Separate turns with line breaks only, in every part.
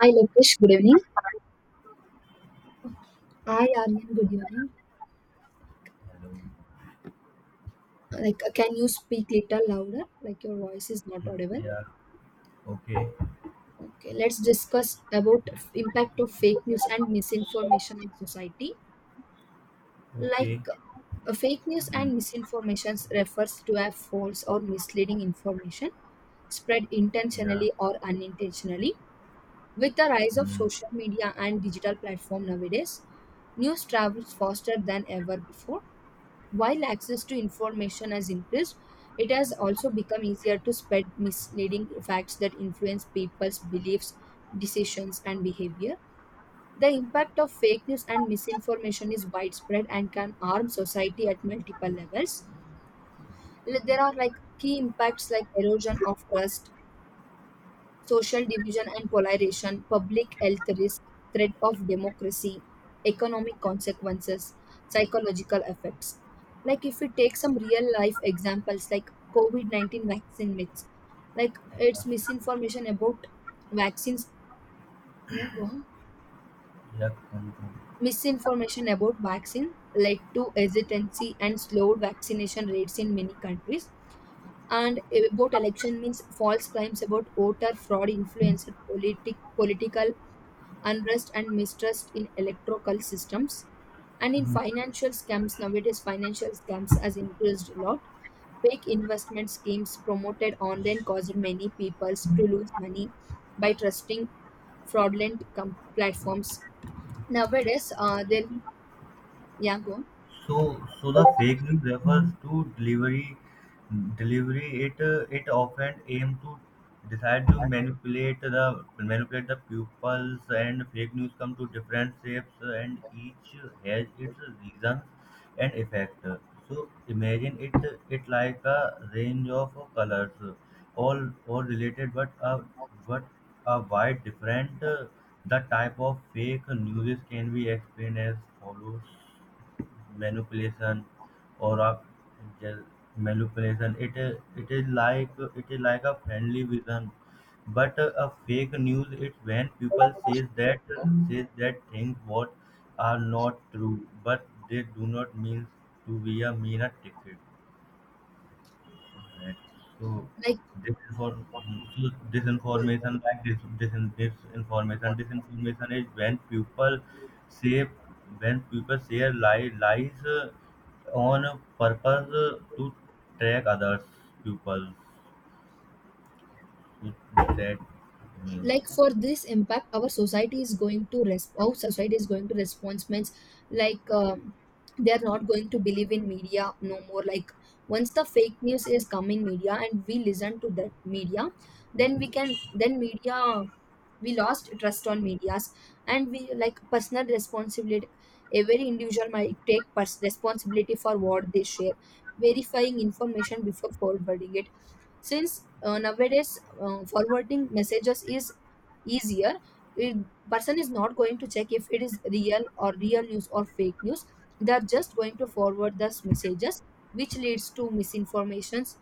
Hi, Lokesh. Good evening. Hi, Aryan. Good evening.
Hello.
Can you speak little louder? Like, your voice is not
Mm,
audible.
yeah. Okay.
Okay, let's discuss about impact of fake news and misinformation on society. Like,
Okay.
Fake news
Mm,
and misinformation refers to a false or misleading information spread
yeah.
intentionally or unintentionally. With the rise of
Mm,
social media and digital platform nowadays, news travels faster than ever before. While access to information has increased, it has also become easier to spread misleading facts that influence people's beliefs, decisions, and behavior. The impact of fake news and misinformation is widespread and can harm society at multiple levels. Like, there are like key impacts like erosion of trust, social division and polarization, public health risk, threat of democracy, economic consequences, psychological effects. Like if we take some real life examples like COVID-19 vaccine myths, like it's
yes.
misinformation about vaccines. Yeah, go on.
Yeah. Come, come.
Misinformation about vaccine led to hesitancy and slowed vaccination rates in many countries. And about election means false claims about voter fraud influenced political unrest and mistrust in electrical systems. And in
Mm,
financial scams, nowadays financial scams has increased a lot. Fake investment schemes promoted online caused many peoples to lose money by trusting platforms. Nowadays, there, yeah, go on.
so the fake news refers to delivery. Delivery. It it often aim to decide to manipulate the pupils, and fake news come to different shapes, and each has its reasons and effect. So imagine it it like a range of colors, all related, but are wide different. The type of fake news can be explained as follows: manipulation or a gel- manipulation. It is like, it is like a friendly vision, but a fake news, it's when people says that, says that things what are not true, but they do not mean to be a mere ticket. Right. So
Like
disinform so disinformation, like disinformation is when people say, when people share lies on purpose to track others people, that means,
like for this impact our society is going to our society is going to response means like they are not going to believe in media no more. Like once the fake news is come in media and we listen to that media, then then media we lost trust on medias. And we like personal responsibility, every individual might take responsibility for what they share, verifying information before forwarding it. Since nowadays forwarding messages is easier, it, person is not going to check if it is real or real news or fake news. They are just going to forward those messages, which leads to misinformations,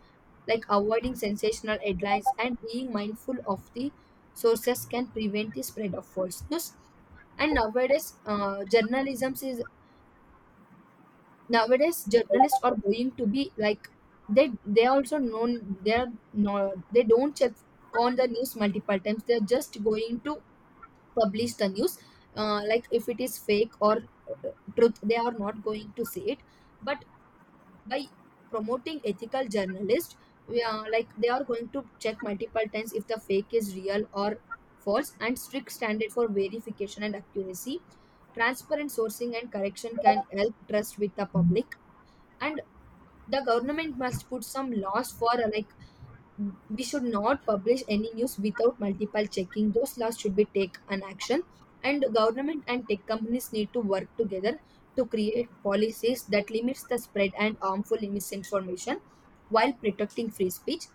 like avoiding sensational headlines and being mindful of the sources can prevent the spread of false news. And nowadays journalism is, nowadays journalists are going to be like, they also known they're, no they don't check on the news multiple times. They're just going to publish the news, like if it is fake or uh, truth, they are not going to see it. But by promoting ethical journalists, we are like they are going to check multiple times if the fake is real or false, and strict standard for verification and accuracy, transparent sourcing and correction can help trust with the public. And the government must put some laws for like we should not publish any news without multiple checking, those laws should be take an action. And government and tech companies need to work together to create policies that limits the spread and harmful misinformation while protecting free speech.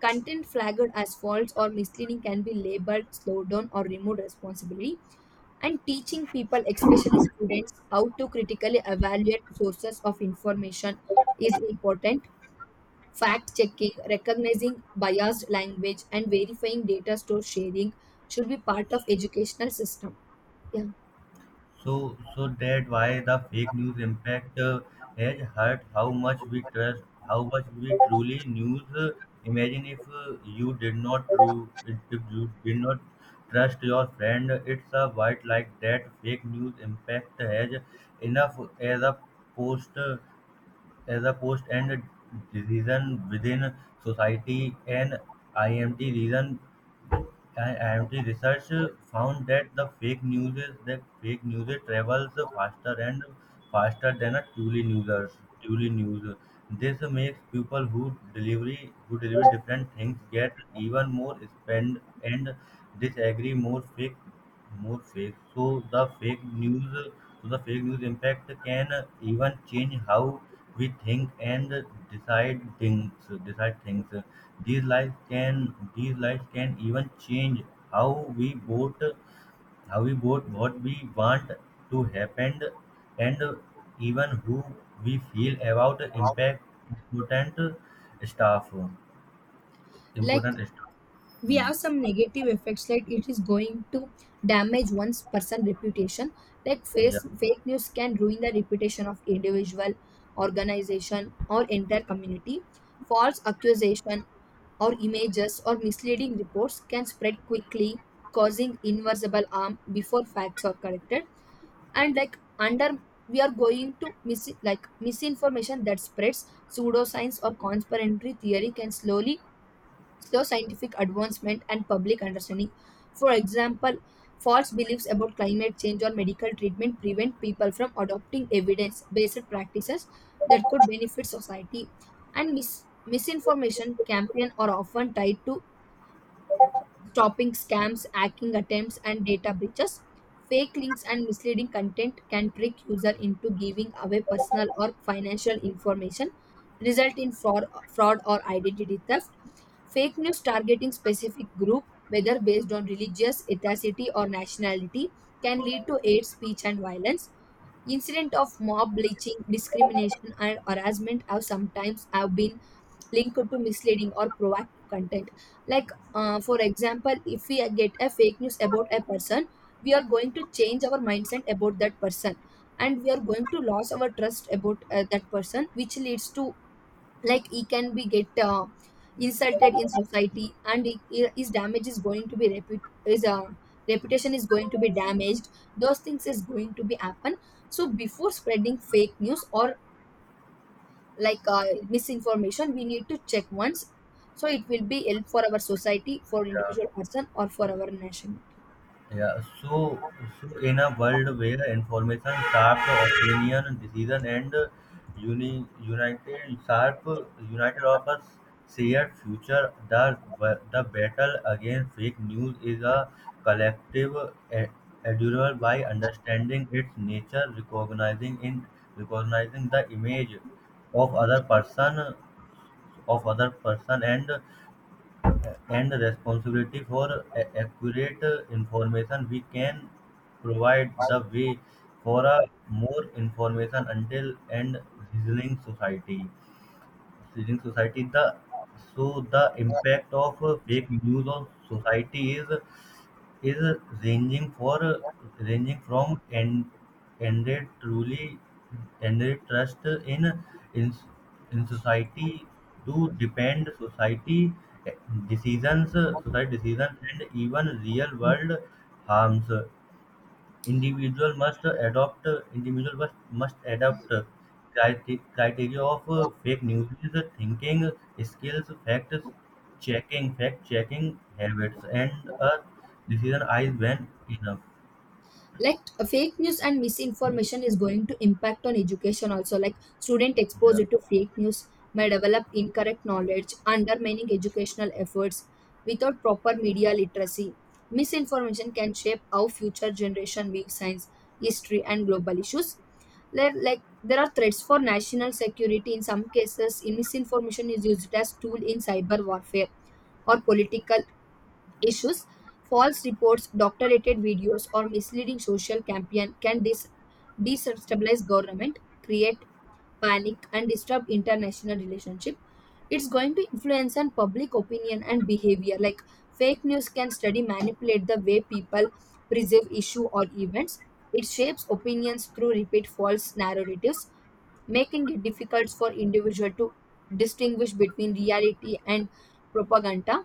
Content flagged as false or misleading can be labeled, slowed down, or removed responsibility. And teaching people, especially students, how to critically evaluate sources of information is important. Fact checking, recognizing biased language, and verifying data store sharing should be part of educational system. Yeah,
so that why the fake news impact has hurt how much we trust, how much we truly news. Imagine if you did not true, if you did not trust your friend, it's a white like that. Fake news impact has enough as a post. As a post and reason within society, and IMT reason IMT research found that the fake news is, that fake news travels faster and faster than a truly news. Truly news. This makes people who delivery, who deliver different things, get even more spend and disagree more fake, more fake. So the fake news impact can even change how we think and decide things. Decide things. These lies can even change how we vote, how we vote, what we want to happen, and even who we feel about impact important stuff.
like
Important stuff.
we
Hmm.
have some negative effects. Like it is going to damage one's person reputation. Like
Yeah.
face, fake news can ruin the reputation of individual, organization, or entire community. False accusation or images or misleading reports can spread quickly, causing irreversible harm before facts are corrected. And like under, we are going to mis, like misinformation that spreads pseudoscience or conspiratory theory can slowly slow scientific advancement and public understanding. For example, false beliefs about climate change or medical treatment prevent people from adopting evidence based practices that could benefit society. And misinformation campaign are often tied to stopping scams, hacking attempts, and data breaches. Fake links and misleading content can trick user into giving away personal or financial information, result in fraud or identity theft. Fake news targeting specific group, whether based on religious, ethnicity, or nationality, can lead to hate speech and violence. Incident of mob lynching, discrimination, and harassment have sometimes have been linked to misleading or proactive content. Like for example if we get a fake news about a person, we are going to change our mindset about that person, and we are going to lose our trust about that person, which leads to like he can be get insulted in society, and his damage is going to be reput- his reputation is going to be damaged. Those things is going to be happen. So before spreading fake news or like misinformation, we need to check once, so it will be help for our society, for
Yeah.
individual person, or for our nationality.
Yeah, so, so in a world where information sharp, opinion, decision, and uni, united sharp, united of us, shared future, the battle against fake news is a collective e- endeavor. By understanding its nature, recognizing in, recognizing the image of other person, of other person, and responsibility for accurate information, we can provide the way for a more information until and reasoning society, reasoning society. The so the impact of fake news on society is ranging for, ranging from and ended truly, ended trust in, in, in society, to depend society, eh, decisions society decisions and even real world harms. Individual must adopt, individual must adopt criteria of fake news is thinking skills, fact checking habits, and a decision eyes when enough.
Like fake news and misinformation is going to impact on education also. Like student
Yeah,
exposed to fake news may develop incorrect knowledge, undermining educational efforts. Without proper media literacy, misinformation can shape how future generation view science, history, and global issues. There, like there are threats for national security. In some cases in misinformation is used as tool in cyber warfare or political issues. False reports, doctorated videos, or misleading social campaign can destabilize government, create panic, and disturb international relationship. It's going to influence on public opinion and behavior. Like fake news can study manipulate the way people perceive issue or events. It shapes opinions through repeat false narratives, making it difficult for individual to distinguish between reality and propaganda.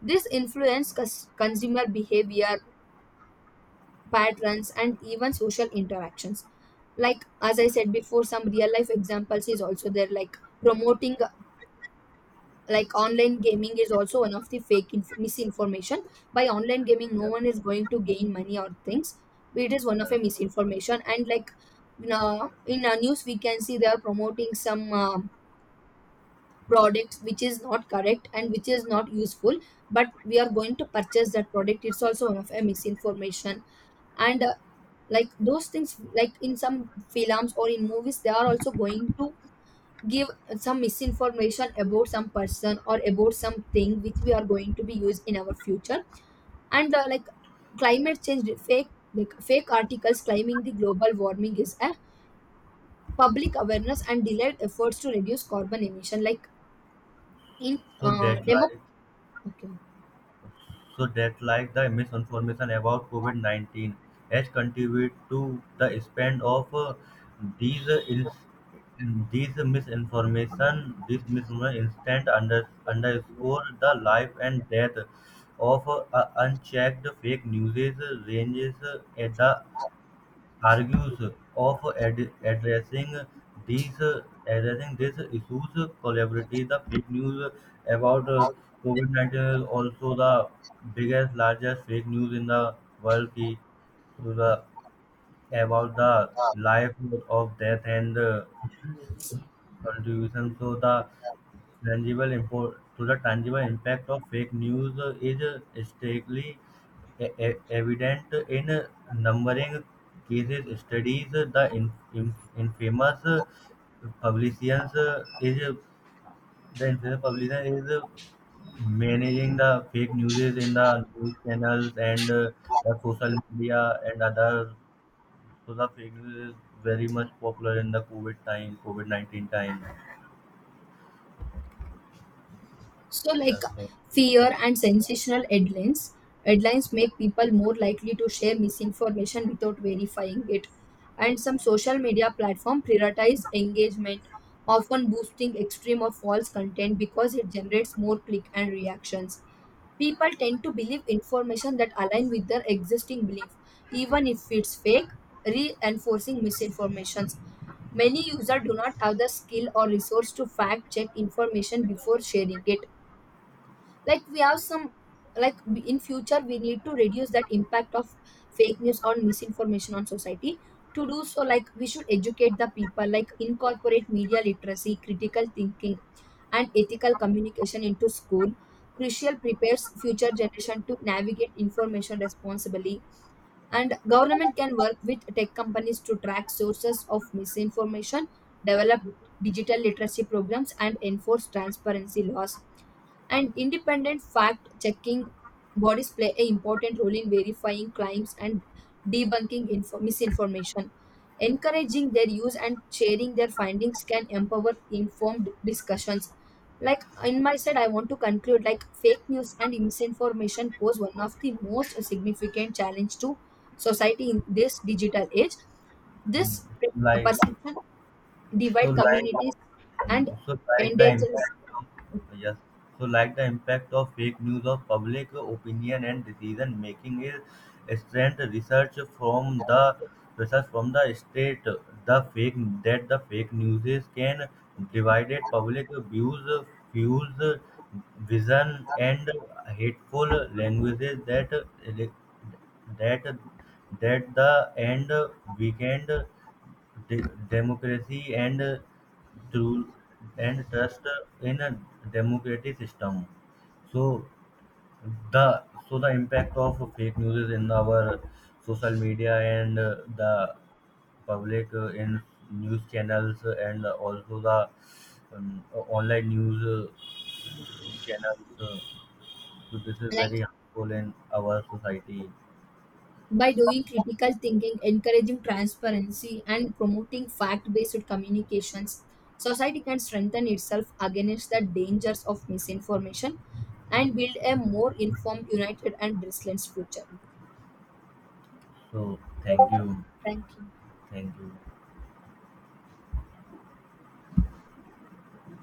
This influence consumer behavior patterns and even social interactions. Like as I said before, some real life examples is also there. Like promoting like online gaming is also one of the misinformation. By online gaming no
yeah.
one is going to gain money or things. It is one of
Yeah.
a misinformation. And like in our news we can see they are promoting some products which is not correct and which is not useful, but we are going to purchase that product. It's also one of a misinformation. And like those things like in some films or in movies, they are also going to give some misinformation about some person or about something which we are going to be used in our future. And like climate change fake, like fake articles claiming the global warming is a public awareness and delayed efforts to reduce carbon emission. Like in
So that
demo,
like
okay.
So that like the misinformation about COVID-19 has contributed to the spread of these these misinformation, this misinformation instant under, underscore the life and death of unchecked fake news, ranges at the argues of addressing these, addressing these issues collaboratively. The fake news about COVID-19 is also the biggest, largest fake news in the world. Ki, so the, about the life of death and contribution. So the tangible impact of fake news is starkly evident in numbering cases studies the infamous publicians is the infamous publician is managing the fake news in the news channels and the social media and other. So the fake news is very much popular in the covid time, covid-19 time.
So, like
Yeah, so.
fear and sensational headlines make people more likely to share misinformation without verifying it. And some social media platform prioritize engagement, often boosting extreme or false content because it generates more click and reactions. People tend to believe information that align with their existing belief, even if it's fake, reinforcing misinformations. Many users do not have the skill or resource to fact check information before sharing it. Like we have some, like we, in future we need to reduce that impact of fake news or misinformation on society. To do so, like we should educate the people, like incorporate media literacy, critical thinking, and ethical communication into school. Crucial prepares future generation to navigate information responsibly. And government can work with tech companies to track sources of misinformation, develop digital literacy programs, and enforce transparency laws. And independent fact checking bodies play an important role in verifying claims and debunking misinformation. Encouraging their use and sharing their findings can empower informed discussions. Like in my side I want to conclude, like fake news and misinformation pose one of the most significant challenge to society in this digital age. This
Mm, like,
perception
so
divide
like.
communities
Mm,
and
So like the
endangers.
impact, yes. So like the impact of fake news of public opinion and decision making is strength, research from the, research from the state, the fake, that the fake news is can divided public views, fuels vision and hateful languages that, that that the end weekend democracy and through and trust in a democratic system. So so the impact of fake news is in our social media and the public in news channels and also the um, online news channels. So this is
Like
very harmful in our society.
by doing critical thinking, encouraging transparency, and promoting fact based communications, society can strengthen itself against the dangers of misinformation and build a more informed, united, and resilient future.
So thank you,
Thank you.
thank you.